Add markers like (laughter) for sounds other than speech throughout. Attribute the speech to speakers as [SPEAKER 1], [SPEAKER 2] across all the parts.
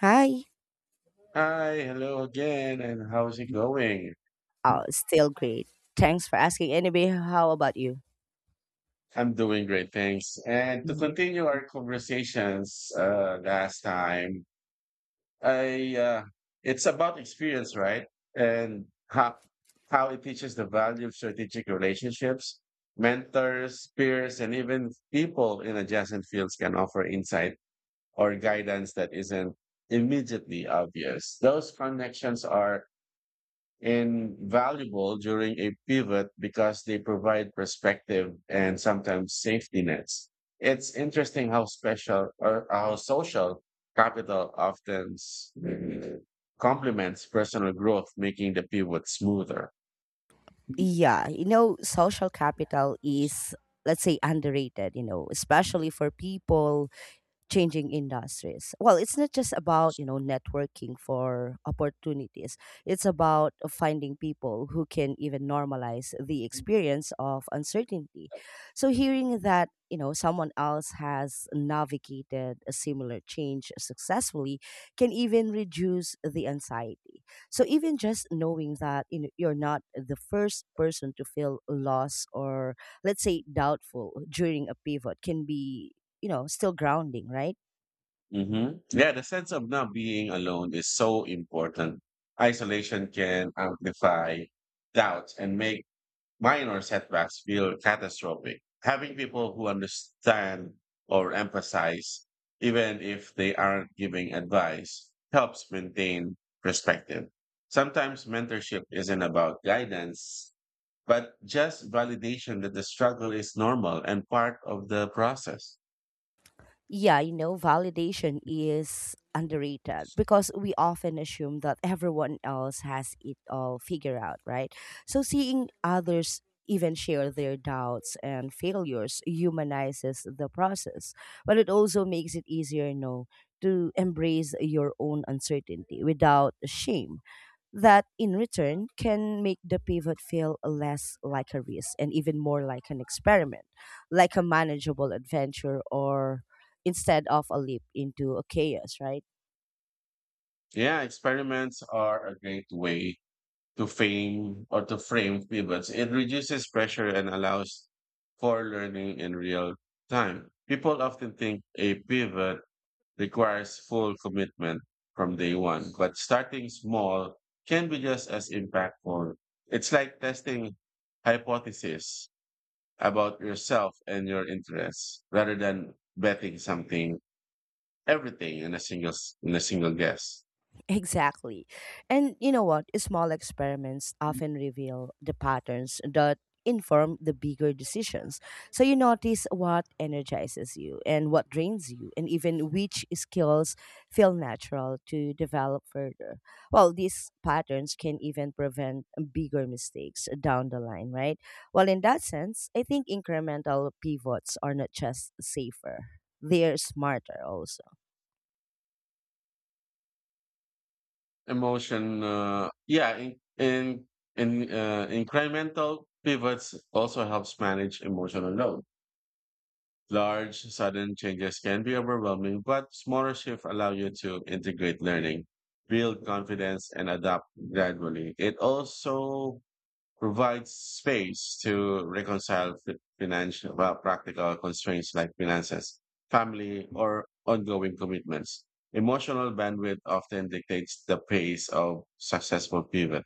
[SPEAKER 1] Hi.
[SPEAKER 2] Hi, hello again, and how's it going?
[SPEAKER 1] Oh, still great. Thanks for asking. Anyway, how about you?
[SPEAKER 2] I'm doing great, thanks. And to
[SPEAKER 1] Mhm.
[SPEAKER 2] continue our conversations last time, I it's about experience, right? And how it teaches the value of strategic relationships, mentors, peers, and even people in adjacent fields can offer insight or guidance that isn't immediately obvious. Those connections are invaluable during a pivot because they provide perspective and sometimes safety nets. It's interesting how special or how social capital often complements personal growth, making the pivot smoother.
[SPEAKER 1] Yeah, you know, social capital is, let's say, underrated, you know, especially for people changing industries. Well, it's not just about, you know, networking for opportunities. It's about finding people who can even normalize the experience of uncertainty. So hearing that, you know, someone else has navigated a similar change successfully can even reduce the anxiety. So even just knowing that you know, you're not the first person to feel lost or let's say doubtful during a pivot can be you know, still grounding, right?
[SPEAKER 2] Yeah, the sense of not being alone is so important. Isolation can amplify doubts and make minor setbacks feel catastrophic. Having people who understand or emphasize, even if they aren't giving advice, helps maintain perspective. Sometimes mentorship isn't about guidance, but just validation that the struggle is normal and part of the process.
[SPEAKER 1] Yeah, you know, validation is underrated because we often assume that everyone else has it all figured out, right? So seeing others even share their doubts and failures humanizes the process, but it also makes it easier, you know, to embrace your own uncertainty without shame. That in return can make the pivot feel less like a risk and even more like an experiment, like a manageable adventure or instead of a leap into a chaos, right?
[SPEAKER 2] Yeah, experiments are a great way to frame pivots. It reduces pressure and allows for learning in real time. People often think a pivot requires full commitment from day one, but starting small can be just as impactful. It's like testing hypotheses about yourself and your interests rather than betting everything in a single, in a single guess.
[SPEAKER 1] Exactly. And you know what? Small experiments often reveal the patterns that inform the bigger decisions. So you notice what energizes you and what drains you, and even which skills feel natural to develop further. Well, these patterns can even prevent bigger mistakes down the line, right? Well, in that sense, I think incremental pivots are not just safer, they're smarter also.
[SPEAKER 2] Emotion Yeah, in incremental pivots also helps manage emotional load. Large sudden changes can be overwhelming, but smaller shifts allow you to integrate learning, build confidence, and adapt gradually. It also provides space to reconcile financial, well, practical constraints like finances, family, or ongoing commitments. Emotional bandwidth often dictates the pace of successful pivot.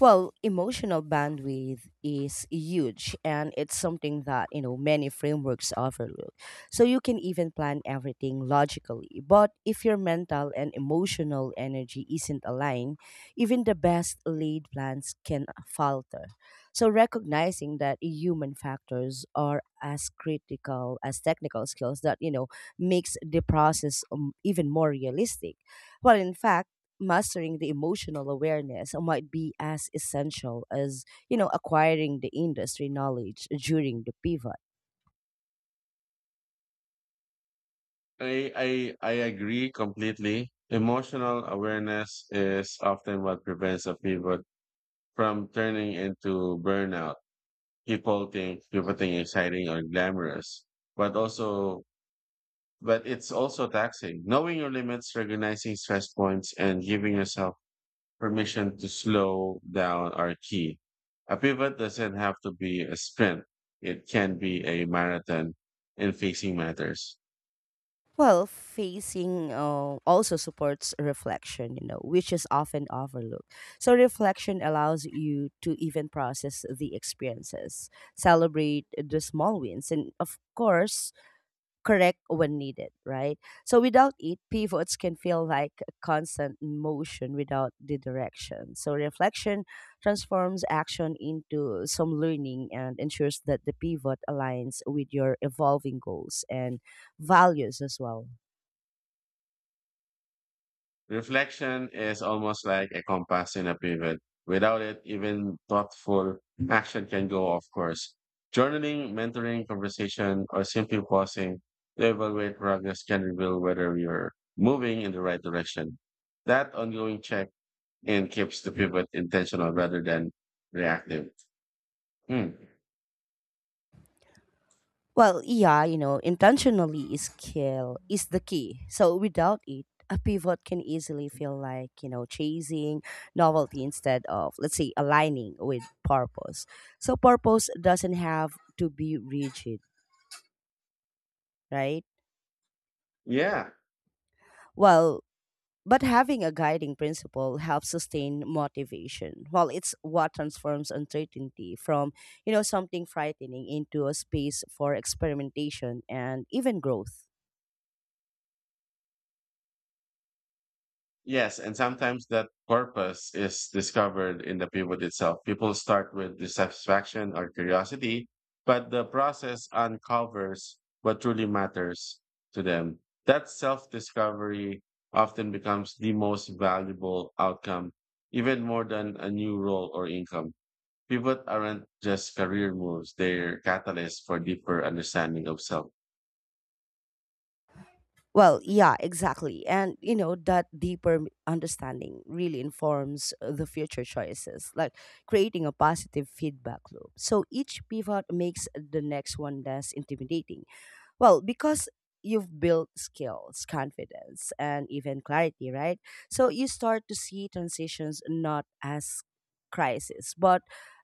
[SPEAKER 1] Well, emotional bandwidth is huge and it's something that, you know, many frameworks overlook. So you can even plan everything logically, but if your mental and emotional energy isn't aligned, even the best laid plans can falter. So recognizing that human factors are as critical as technical skills that, you know, makes the process even more realistic. Well, in fact, mastering the emotional awareness might be as essential as, you know, acquiring the industry knowledge during the pivot.
[SPEAKER 2] I agree completely. Emotional awareness is often what prevents a pivot from turning into burnout. People think pivoting is exciting or glamorous, but also but it's also taxing. Knowing your limits, recognizing stress points, and giving yourself permission to slow down are key. A pivot doesn't have to be a sprint, it can be a marathon in facing matters.
[SPEAKER 1] Well, facing also supports reflection, you know, which is often overlooked. So, reflection allows you to even process the experiences, celebrate the small wins, and of course, correct when needed, right? So without it, pivots can feel like a constant motion without the direction. So reflection transforms action into some learning and ensures that the pivot aligns with your evolving goals and values as well.
[SPEAKER 2] Reflection is almost like a compass in a pivot. Without it, even thoughtful action can go off course. Journaling, mentoring, conversation, or simply pausing to evaluate progress can reveal whether you're moving in the right direction. That ongoing check in keeps the pivot intentional rather than reactive. Hmm.
[SPEAKER 1] Well, yeah, you know, intentionally is kill is the key. So without it, a pivot can easily feel like, you know, chasing novelty instead of, let's say, aligning with purpose. So purpose doesn't have to be rigid, right?
[SPEAKER 2] Yeah.
[SPEAKER 1] Well, but having a guiding principle helps sustain motivation. Well, it's what transforms uncertainty from, you know, something frightening into a space for experimentation and even growth.
[SPEAKER 2] Yes, and sometimes that purpose is discovered in the pivot itself. People start with dissatisfaction or curiosity, but the process uncovers what truly matters to them. That self discovery often becomes the most valuable outcome, even more than a new role or income. Pivot aren't just career moves, they're catalysts for deeper understanding of self.
[SPEAKER 1] Well, yeah, exactly. And you know, that deeper understanding really informs the future choices, like creating a positive feedback loop. So each pivot makes the next one less intimidating. Well, because you've built skills, confidence, and even clarity, right? So you start to see transitions not as crises, but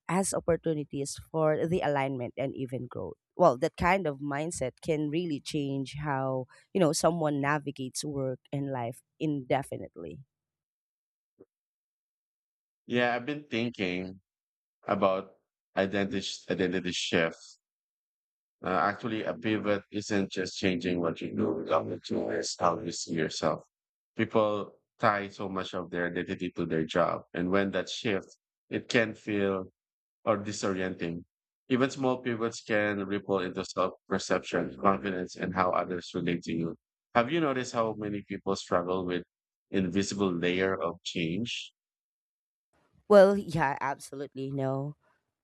[SPEAKER 1] as opportunities for the alignment and even growth. Well, that kind of mindset can really change how, you know, someone navigates work and life indefinitely.
[SPEAKER 2] Yeah, I've been thinking about identity shift. Actually, a pivot isn't just changing what you do, it's how you see yourself. People tie so much of their identity to their job. And when that shifts, it can feel or disorienting. Even small pivots can ripple into self perception, confidence, and how others relate to you. Have you noticed how many people struggle with invisible layer of change?
[SPEAKER 1] Well, (laughs) yeah, absolutely. No.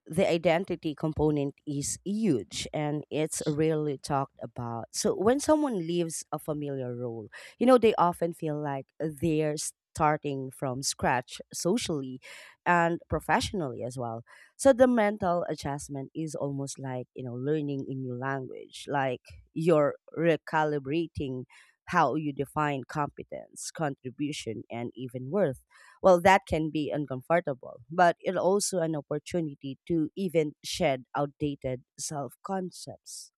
[SPEAKER 1] The identity component is huge and it's rarely talked about. So when someone leaves a familiar role, you know, they often feel like they're starting from scratch socially and professionally as well. So the mental adjustment is almost like, you know, learning a new language, like you're recalibrating how you define competence, contribution, and even worth. Well, that can be uncomfortable, but it's also an opportunity to even shed outdated self concepts.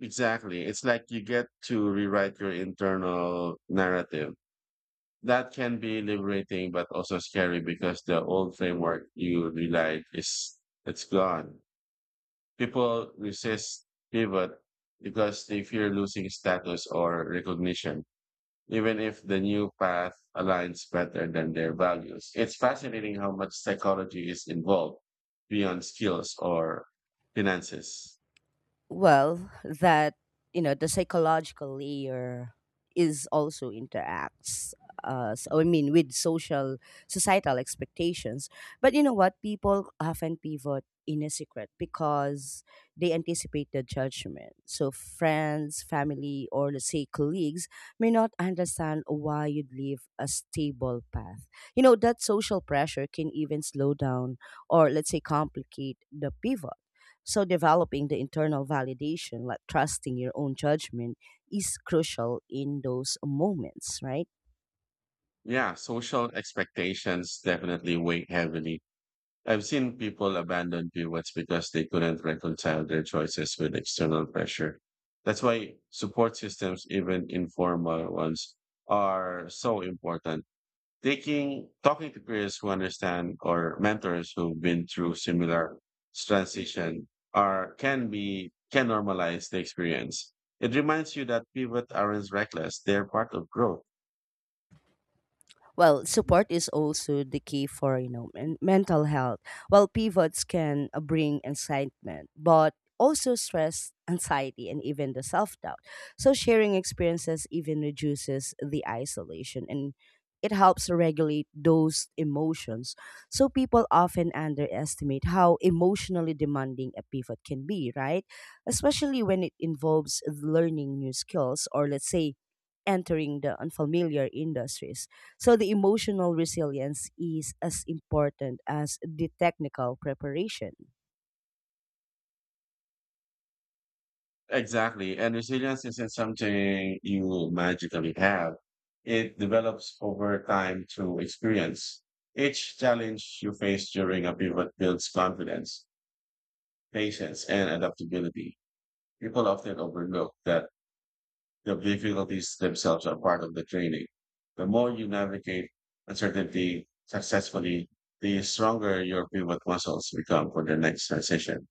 [SPEAKER 2] Exactly. It's like you get to rewrite your internal narrative that can be liberating but also scary because the old framework you relied is it's gone. People resist pivot because they fear losing status or recognition, even if the new path aligns better than their values. It's fascinating how much psychology is involved beyond skills or finances.
[SPEAKER 1] Well, that, you know, the psychological layer is also interacts I mean, with social societal expectations. But you know what, people often pivot in a secret because they anticipate the judgment. So friends, family, or let's say colleagues may not understand why you'd leave a stable path. You know, that social pressure can even slow down or let's say complicate the pivot. So, developing the internal validation, like trusting your own judgment, is crucial in those moments, right?
[SPEAKER 2] Yeah, social expectations definitely weigh heavily. I've seen people abandon pivots because they couldn't reconcile their choices with external pressure. That's why support systems, even informal ones, are so important. Taking Talking to peers who understand or mentors who've been through similar transition are can be can normalize the experience. It reminds you that pivot aren't reckless; they're part of growth.
[SPEAKER 1] Well, support is also the key for, you know, mental health. While pivots can bring excitement, but also stress, anxiety, and even the self-doubt. So sharing experiences even reduces the isolation and it helps regulate those emotions. So people often underestimate how emotionally demanding a pivot can be, right? Especially when it involves learning new skills or let's say entering the unfamiliar industries. So the emotional resilience is as important as the technical preparation.
[SPEAKER 2] Exactly. And resilience isn't something you magically have. It develops over time through experience. Each challenge you face during a pivot builds confidence, patience, and adaptability. People often overlook that the difficulties themselves are part of the training. The more you navigate uncertainty successfully, the stronger your pivot muscles become for the next transition.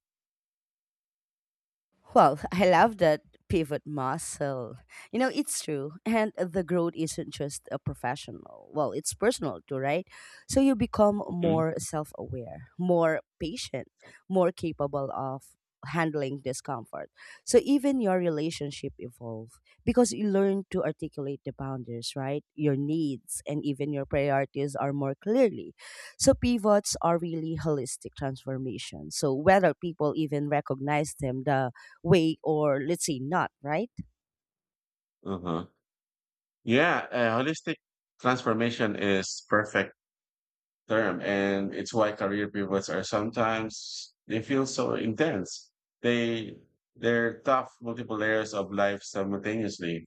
[SPEAKER 1] Well, (laughs) I love that pivot muscle. You know, it's true. And the growth isn't just a professional. Well, it's personal too, right? So you become
[SPEAKER 2] hmm
[SPEAKER 1] more self aware, more patient, more capable of handling discomfort. So even your relationship evolve because you learn to articulate the boundaries, right? Your needs and even your priorities are more clearly. So pivots are really holistic transformations. So whether people even recognize them, the way or let's say not, right?
[SPEAKER 2] Uh-huh. Yeah, holistic transformation is perfect term, and it's why career pivots are sometimes they feel so intense. They they're tough multiple layers of life simultaneously.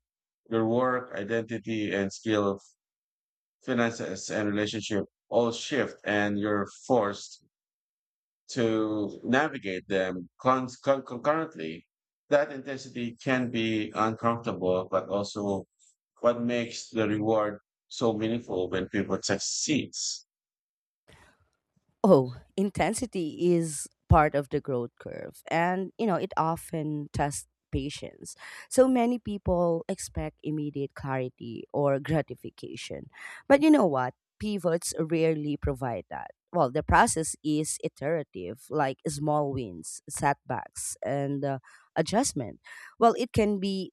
[SPEAKER 2] Your work, identity, and skill, finances, and relationship all shift, and you're forced to navigate them concurrently. That intensity can be uncomfortable, but also what makes the reward so meaningful when people succeeds.
[SPEAKER 1] Oh, intensity is part of the growth curve and you know it often tests patience. So many people expect immediate clarity or gratification. But you know what? Pivots rarely provide that. Well, the process is iterative, like small wins, setbacks, and adjustment. Well, it can be,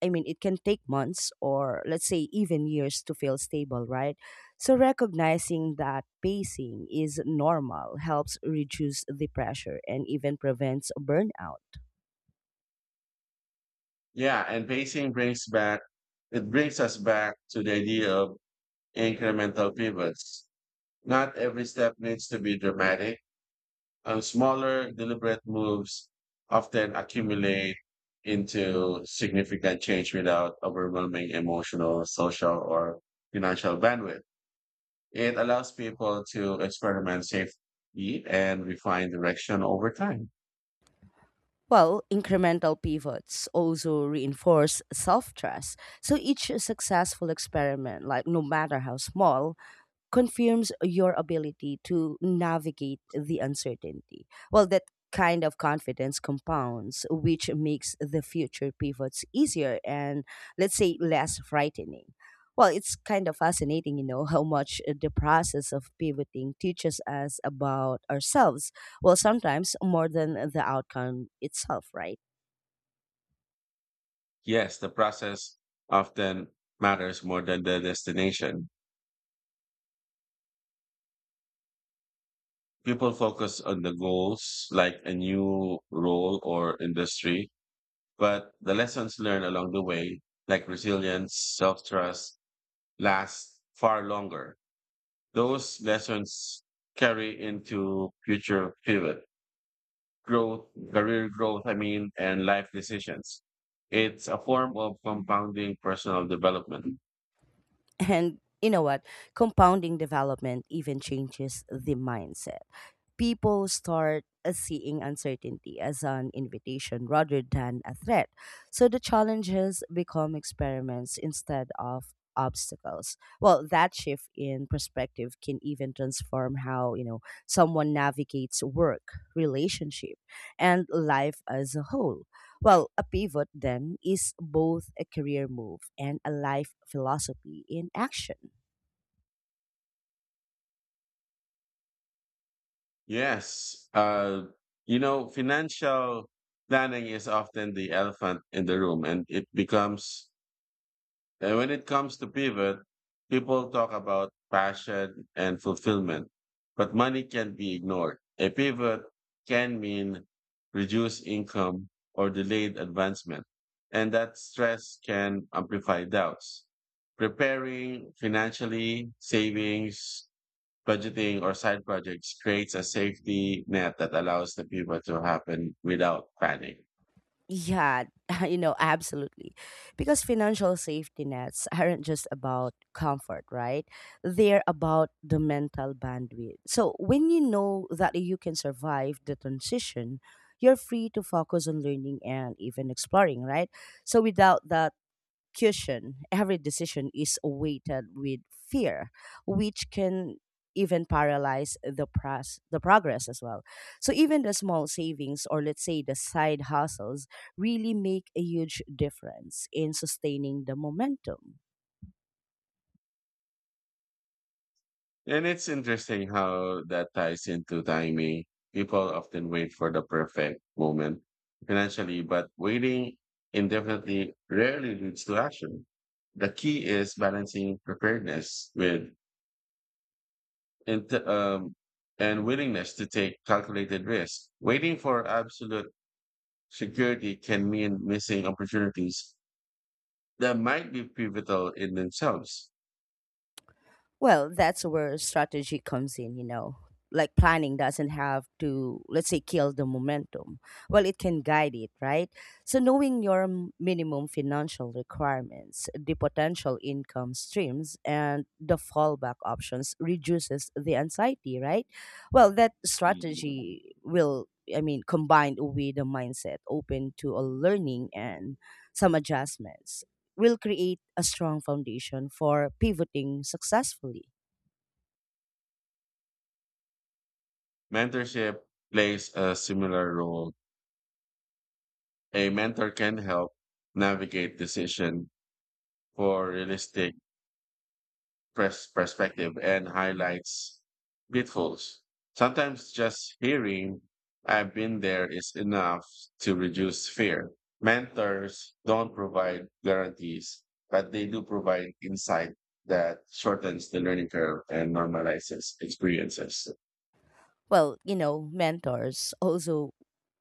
[SPEAKER 1] it can take months or let's say even years to feel stable, right? So recognizing that pacing is normal helps reduce the pressure and even prevents burnout.
[SPEAKER 2] Yeah, and pacing brings back it brings us back to the idea of incremental pivots. Not every step needs to be dramatic. And smaller, deliberate moves often accumulate into significant change without overwhelming emotional, social, or financial bandwidth. It allows people to experiment safely and refine direction over time.
[SPEAKER 1] Well, incremental pivots also reinforce self trust. So each successful experiment, like no matter how small, confirms your ability to navigate the uncertainty. Well, that kind of confidence compounds, which makes the future pivots easier and, let's say, less frightening. Well, it's kind of fascinating, you know, how much the process of pivoting teaches us about ourselves. Well, sometimes more than the outcome itself, right?
[SPEAKER 2] Yes, the process often matters more than the destination. People focus on the goals, like a new role or industry, but the lessons learned along the way, like resilience, self trust, last far longer. Those lessons carry into future pivot, growth, career growth, I mean, and life decisions. It's a form of compounding personal development.
[SPEAKER 1] And you know what? Compounding development even changes the mindset. People start seeing uncertainty as an invitation rather than a threat. So the challenges become experiments instead of obstacles. Well, that shift in perspective can even transform how, you know, someone navigates work, relationship, and life as a whole. Well, a pivot then is both a career move and a life philosophy in action.
[SPEAKER 2] Yes. Financial planning is often the elephant in the room and it becomes And when it comes to pivot, people talk about passion and fulfillment, but money can be ignored. A pivot can mean reduced income or delayed advancement, and that stress can amplify doubts. Preparing financially, savings, budgeting, or side projects creates a safety net that allows the pivot to happen without panic.
[SPEAKER 1] Yeah, (laughs) you know, absolutely. Because financial safety nets (laughs) aren't just about comfort, right? They're about the mental bandwidth. So when you know that you can survive the transition, you're free to focus on learning and even exploring, right? So without that execution, every decision is weighted with fear, which can even paralyze the the progress as well. So even the small savings or let's say the side hustles really make a huge difference in sustaining the momentum.
[SPEAKER 2] And it's interesting how that ties into timing. People often wait for the perfect moment financially, but waiting indefinitely rarely leads to action. The key is balancing preparedness with int- um, and willingness to take calculated risks. Waiting for absolute security can mean missing opportunities that might be pivotal in themselves.
[SPEAKER 1] Well, that's where strategy comes in, you know. Like planning doesn't have to, let's say, kill the momentum. Well, it can guide it, right? So, knowing your minimum financial requirements, the potential income streams, and the fallback options reduces the anxiety, right? Well, that
[SPEAKER 2] Mhm.
[SPEAKER 1] strategy will, I mean, combined with a mindset open to a learning and some adjustments will create a strong foundation for pivoting successfully.
[SPEAKER 2] Mentorship plays a similar role. A mentor can help navigate decision for realistic perspective and highlights pitfalls. Sometimes just hearing "I've been there" is enough to reduce fear. Mentors don't provide guarantees, but they do provide insight that shortens the learning curve and normalizes experiences.
[SPEAKER 1] Well, you know, mentors also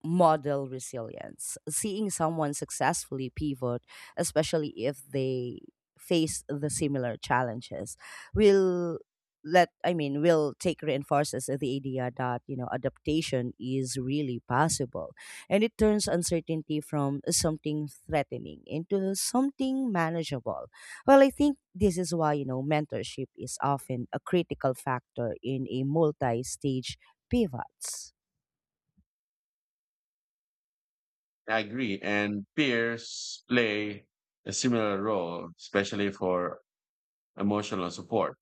[SPEAKER 1] model resilience. Seeing someone successfully pivot, especially if they face the similar challenges, will let I mean will take reinforces the idea that you know adaptation is really possible, and it turns uncertainty from something threatening into something manageable. Well, I think this is why you know mentorship is often a critical factor in a multi-stage pivots.
[SPEAKER 2] I agree. And peers play a similar role, especially for emotional support.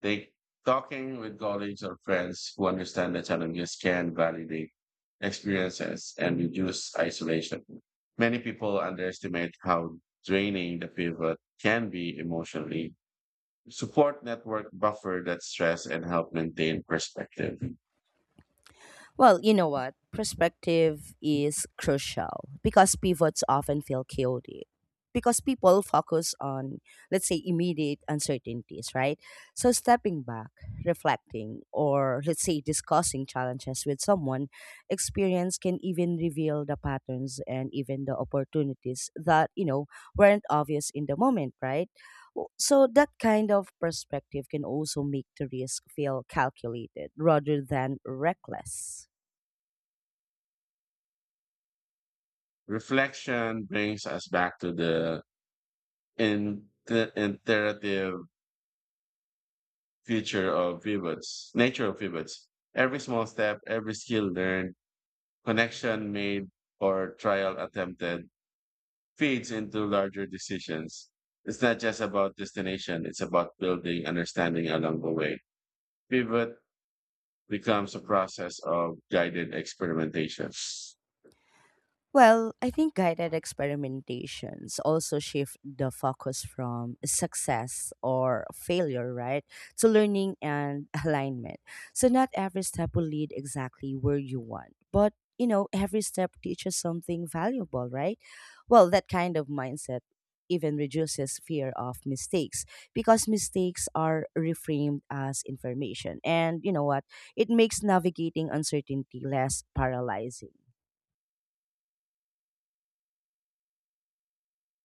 [SPEAKER 2] They Talking with colleagues or friends who understand the challenges can validate experiences and reduce isolation. Many people underestimate how draining the pivot can be emotionally. Support network buffer that stress and help maintain perspective.
[SPEAKER 1] Well, you know what? Perspective is crucial because pivots often feel chaotic. Because people focus on, let's say, immediate uncertainties, right? So stepping back, reflecting, or let's say discussing challenges with someone, experience can even reveal the patterns and even the opportunities that, you know, weren't obvious in the moment, right? So that kind of perspective can also make the risk feel calculated rather than reckless.
[SPEAKER 2] Reflection brings us back to the iterative nature of pivots. Every small step, every skill learned, connection made, or trial attempted feeds into larger decisions. It's not just about destination, it's about building understanding along the way. Pivot becomes a process of guided experimentation.
[SPEAKER 1] Well, I think guided experimentations also shift the focus from success or failure, right, to learning and (laughs) alignment. So, not every step will lead exactly where you want, but you know, every step teaches something valuable, right? Well, that kind of mindset even reduces fear of mistakes because mistakes are reframed as information. And you know what? It makes navigating uncertainty less paralyzing.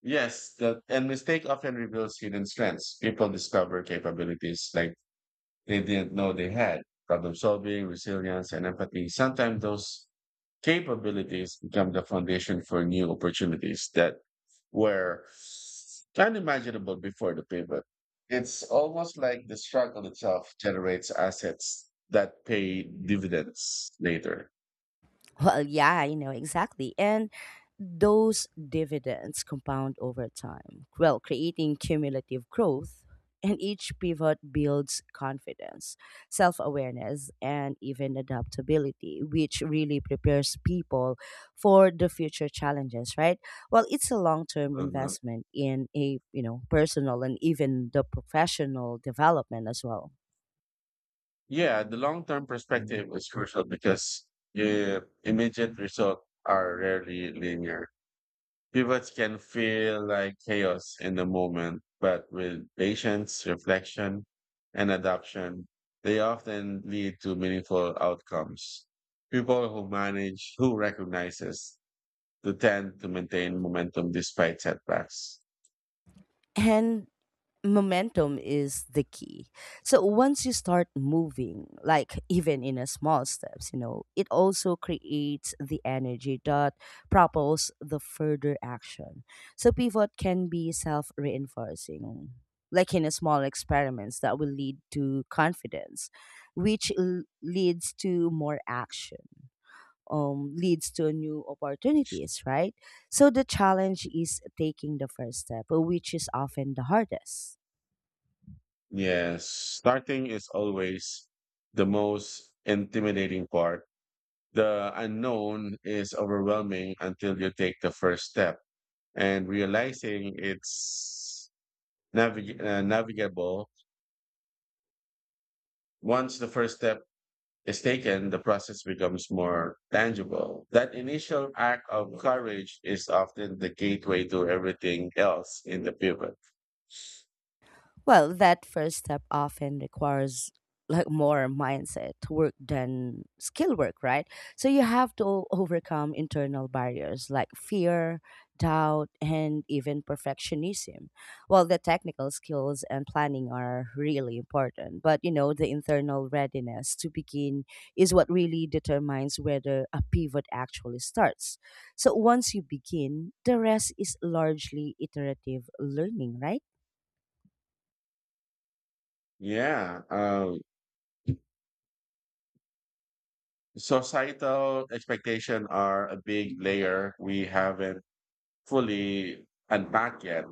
[SPEAKER 2] And mistake often reveals hidden strengths. People discover capabilities like they didn't know they had. Problem solving, resilience, and empathy. Sometimes those capabilities become the foundation for new opportunities that were unimaginable before the pivot. It's almost like the struggle itself generates assets that pay dividends later.
[SPEAKER 1] Well, yeah, I know exactly. And those dividends compound over time, well, creating cumulative growth. And each pivot builds confidence, self awareness, and even adaptability, which really prepares people for the future challenges, right? Well, it's a long term
[SPEAKER 2] Uh-huh.
[SPEAKER 1] investment in a, you know, personal and even the professional development as well.
[SPEAKER 2] Yeah, the long term perspective is crucial because the immediate results are rarely linear. Pivots can feel like chaos in the moment, but with patience, reflection, and adaption, they often lead to meaningful outcomes. People who recognizes, to tend to maintain momentum despite setbacks.
[SPEAKER 1] And momentum is the key. So once you start moving, like (laughs) even in a small steps, you know, it also creates the energy that propels the further action. So pivot can be self-reinforcing, like in a small experiments that will lead to confidence, which leads to more action, leads to new opportunities, right? So the challenge is taking the first step, which is often the hardest.
[SPEAKER 2] Yes, starting is always the most intimidating part. The unknown is overwhelming until you take the first step and realizing it's navigable. Once the first step is taken, the process becomes more tangible. That initial act of courage is often the gateway to everything else in the pivot.
[SPEAKER 1] Well, that first step often requires like more mindset work than skill work, right? So you have to overcome internal barriers like fear, doubt, and even perfectionism. Well, the technical skills and planning are really important, but you know, the internal readiness to begin is what really determines whether a pivot actually starts. So once you begin, the rest is largely iterative learning, right?
[SPEAKER 2] Yeah. Societal expectation are a big layer we haven't fully unpacked yet.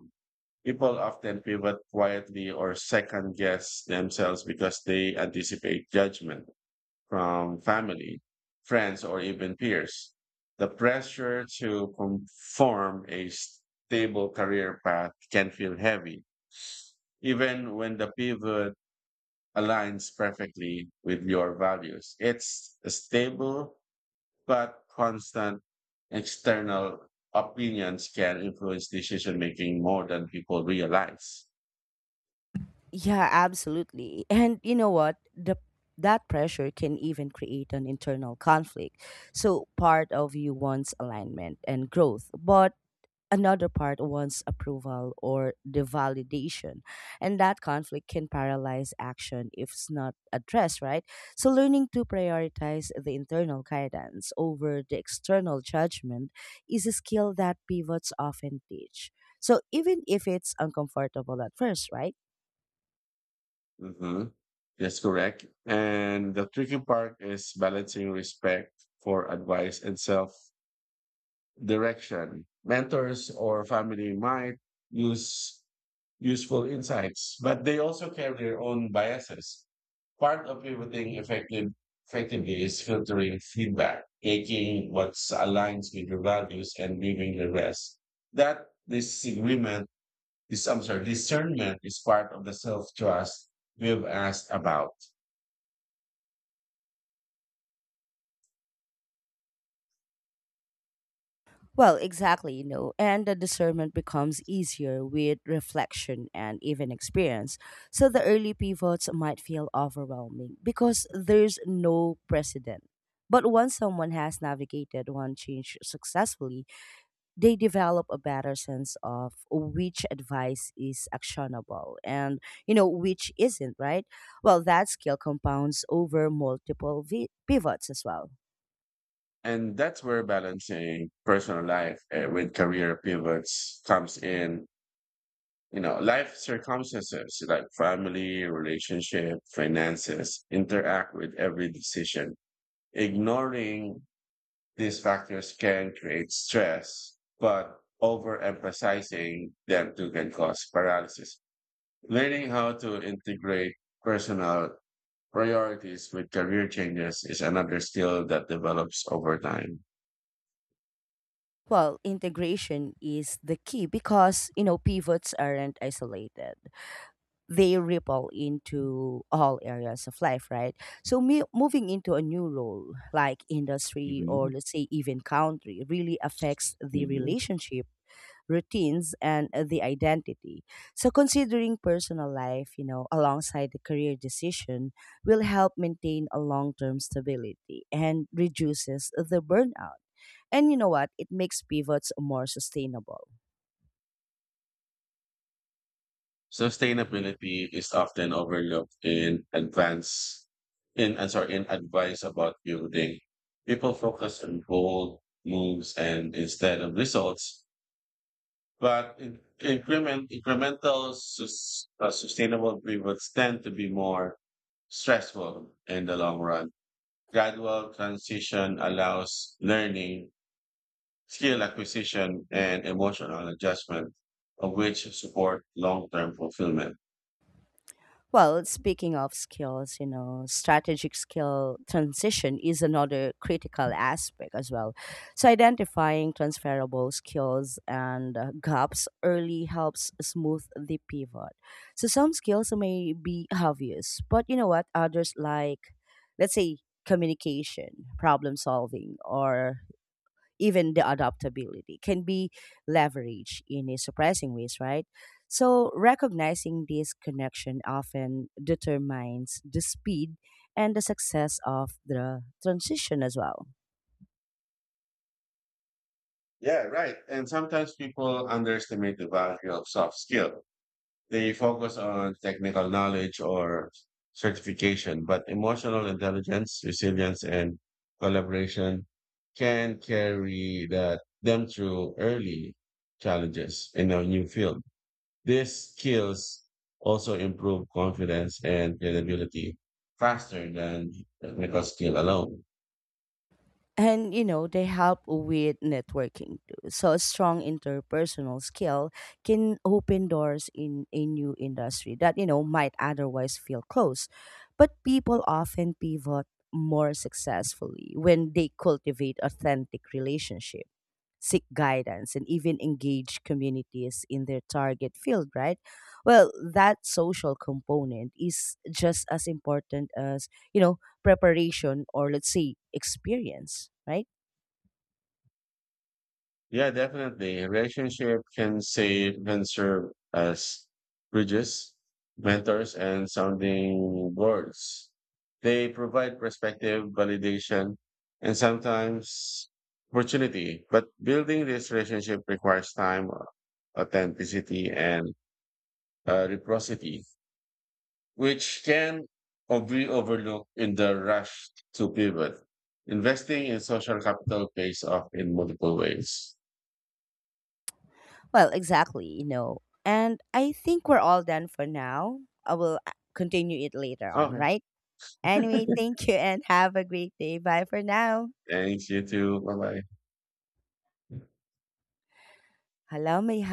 [SPEAKER 2] People often pivot quietly or second guess themselves because they anticipate judgment from family, friends, or even peers. The pressure to conform a stable career path can feel heavy, even when the pivot aligns perfectly with your values. It's a stable, but constant external opinions can influence decision making more than people realize.
[SPEAKER 1] Yeah, absolutely. And you know what? The That pressure can even create an internal conflict. So part of you wants alignment and growth, but another part wants approval or the validation. And that conflict can paralyze action if it's not addressed, right? So learning to prioritize the internal guidance over the external judgment is a skill that pivots often teach. So even if it's uncomfortable at first, right?
[SPEAKER 2] hmm That's correct. And the tricky part is balancing respect for advice and self direction. Mentors or family might use useful insights, but they also carry their own biases. Part of pivoting effectively is filtering feedback, taking what aligns with your values and leaving the rest. That disagreement, this I'm sorry, Discernment is part of the self trust we've asked about.
[SPEAKER 1] Well, exactly, you know, and the discernment becomes easier with reflection and even experience. So the early pivots might feel overwhelming because there's no precedent. But once someone has navigated one change successfully, they develop a better sense of which advice is actionable and, you know, which isn't, right? Well, that skill compounds over multiple pivots as well.
[SPEAKER 2] And that's where balancing personal life with career pivots comes in. You know, life circumstances like family, relationship, finances interact with every decision. Ignoring these factors can create stress, but overemphasizing them too can cause paralysis. Learning how to integrate personal priorities with career changes is another skill that develops over time.
[SPEAKER 1] Well, integration is the key because, you know, pivots aren't isolated. They ripple into all areas of life, right? So, moving into a new role, like industry or
[SPEAKER 2] Mhm.
[SPEAKER 1] let's say even country, really affects the
[SPEAKER 2] Mhm.
[SPEAKER 1] relationship routines and the identity. So considering personal life, you know, alongside the career decision will help maintain a long-term stability and reduces the burnout. And you know what? It makes pivots more sustainable.
[SPEAKER 2] So, sustainability is often overlooked in advance in I'm sorry, in advice about building. People focus on bold moves and instead of results, but in, increment incremental sustainable pivots tend to be more stressful in the long run. Gradual transition allows learning, skill acquisition, and emotional adjustment, of which support long-term fulfillment.
[SPEAKER 1] Well, speaking of skills, you know, strategic skill transition is another critical aspect as well. So, identifying transferable skills and gaps early helps smooth the pivot. So, some skills may be obvious, but you know what? Others, like, let's say, communication, problem solving, or even the adaptability can be leveraged in a surprising ways, right? So recognizing this connection often determines the speed and the success of the transition as well.
[SPEAKER 2] Yeah, right. And sometimes people underestimate the value of soft skill. They focus on technical knowledge or certification, but emotional intelligence, resilience, and collaboration can carry that them through early challenges in a new field. These skills also improve confidence and credibility faster than technical skill alone.
[SPEAKER 1] And you know they help with networking too. So a strong interpersonal skill can open doors in a new industry that you know might otherwise feel closed. But people often pivot more successfully when they cultivate authentic relationships, seek guidance, and even engage communities in their target field, right? Well, that social component is just as important as, you know, preparation or let's say experience, right?
[SPEAKER 2] Yeah, definitely. Relationship can serve as bridges, mentors, and sounding boards. They provide perspective, validation, and sometimes opportunity. But building this relationship requires time, authenticity, and reciprocity, which can be overlooked in the rush to pivot. Investing in social capital pays off in multiple ways.
[SPEAKER 1] Well, exactly, you know. And I think we're all done for now. I will continue it later on,
[SPEAKER 2] Okay.
[SPEAKER 1] right? Anyway, thank you and have a great day. Bye for now.
[SPEAKER 2] Thanks, you too. Bye bye.
[SPEAKER 1] Hello, may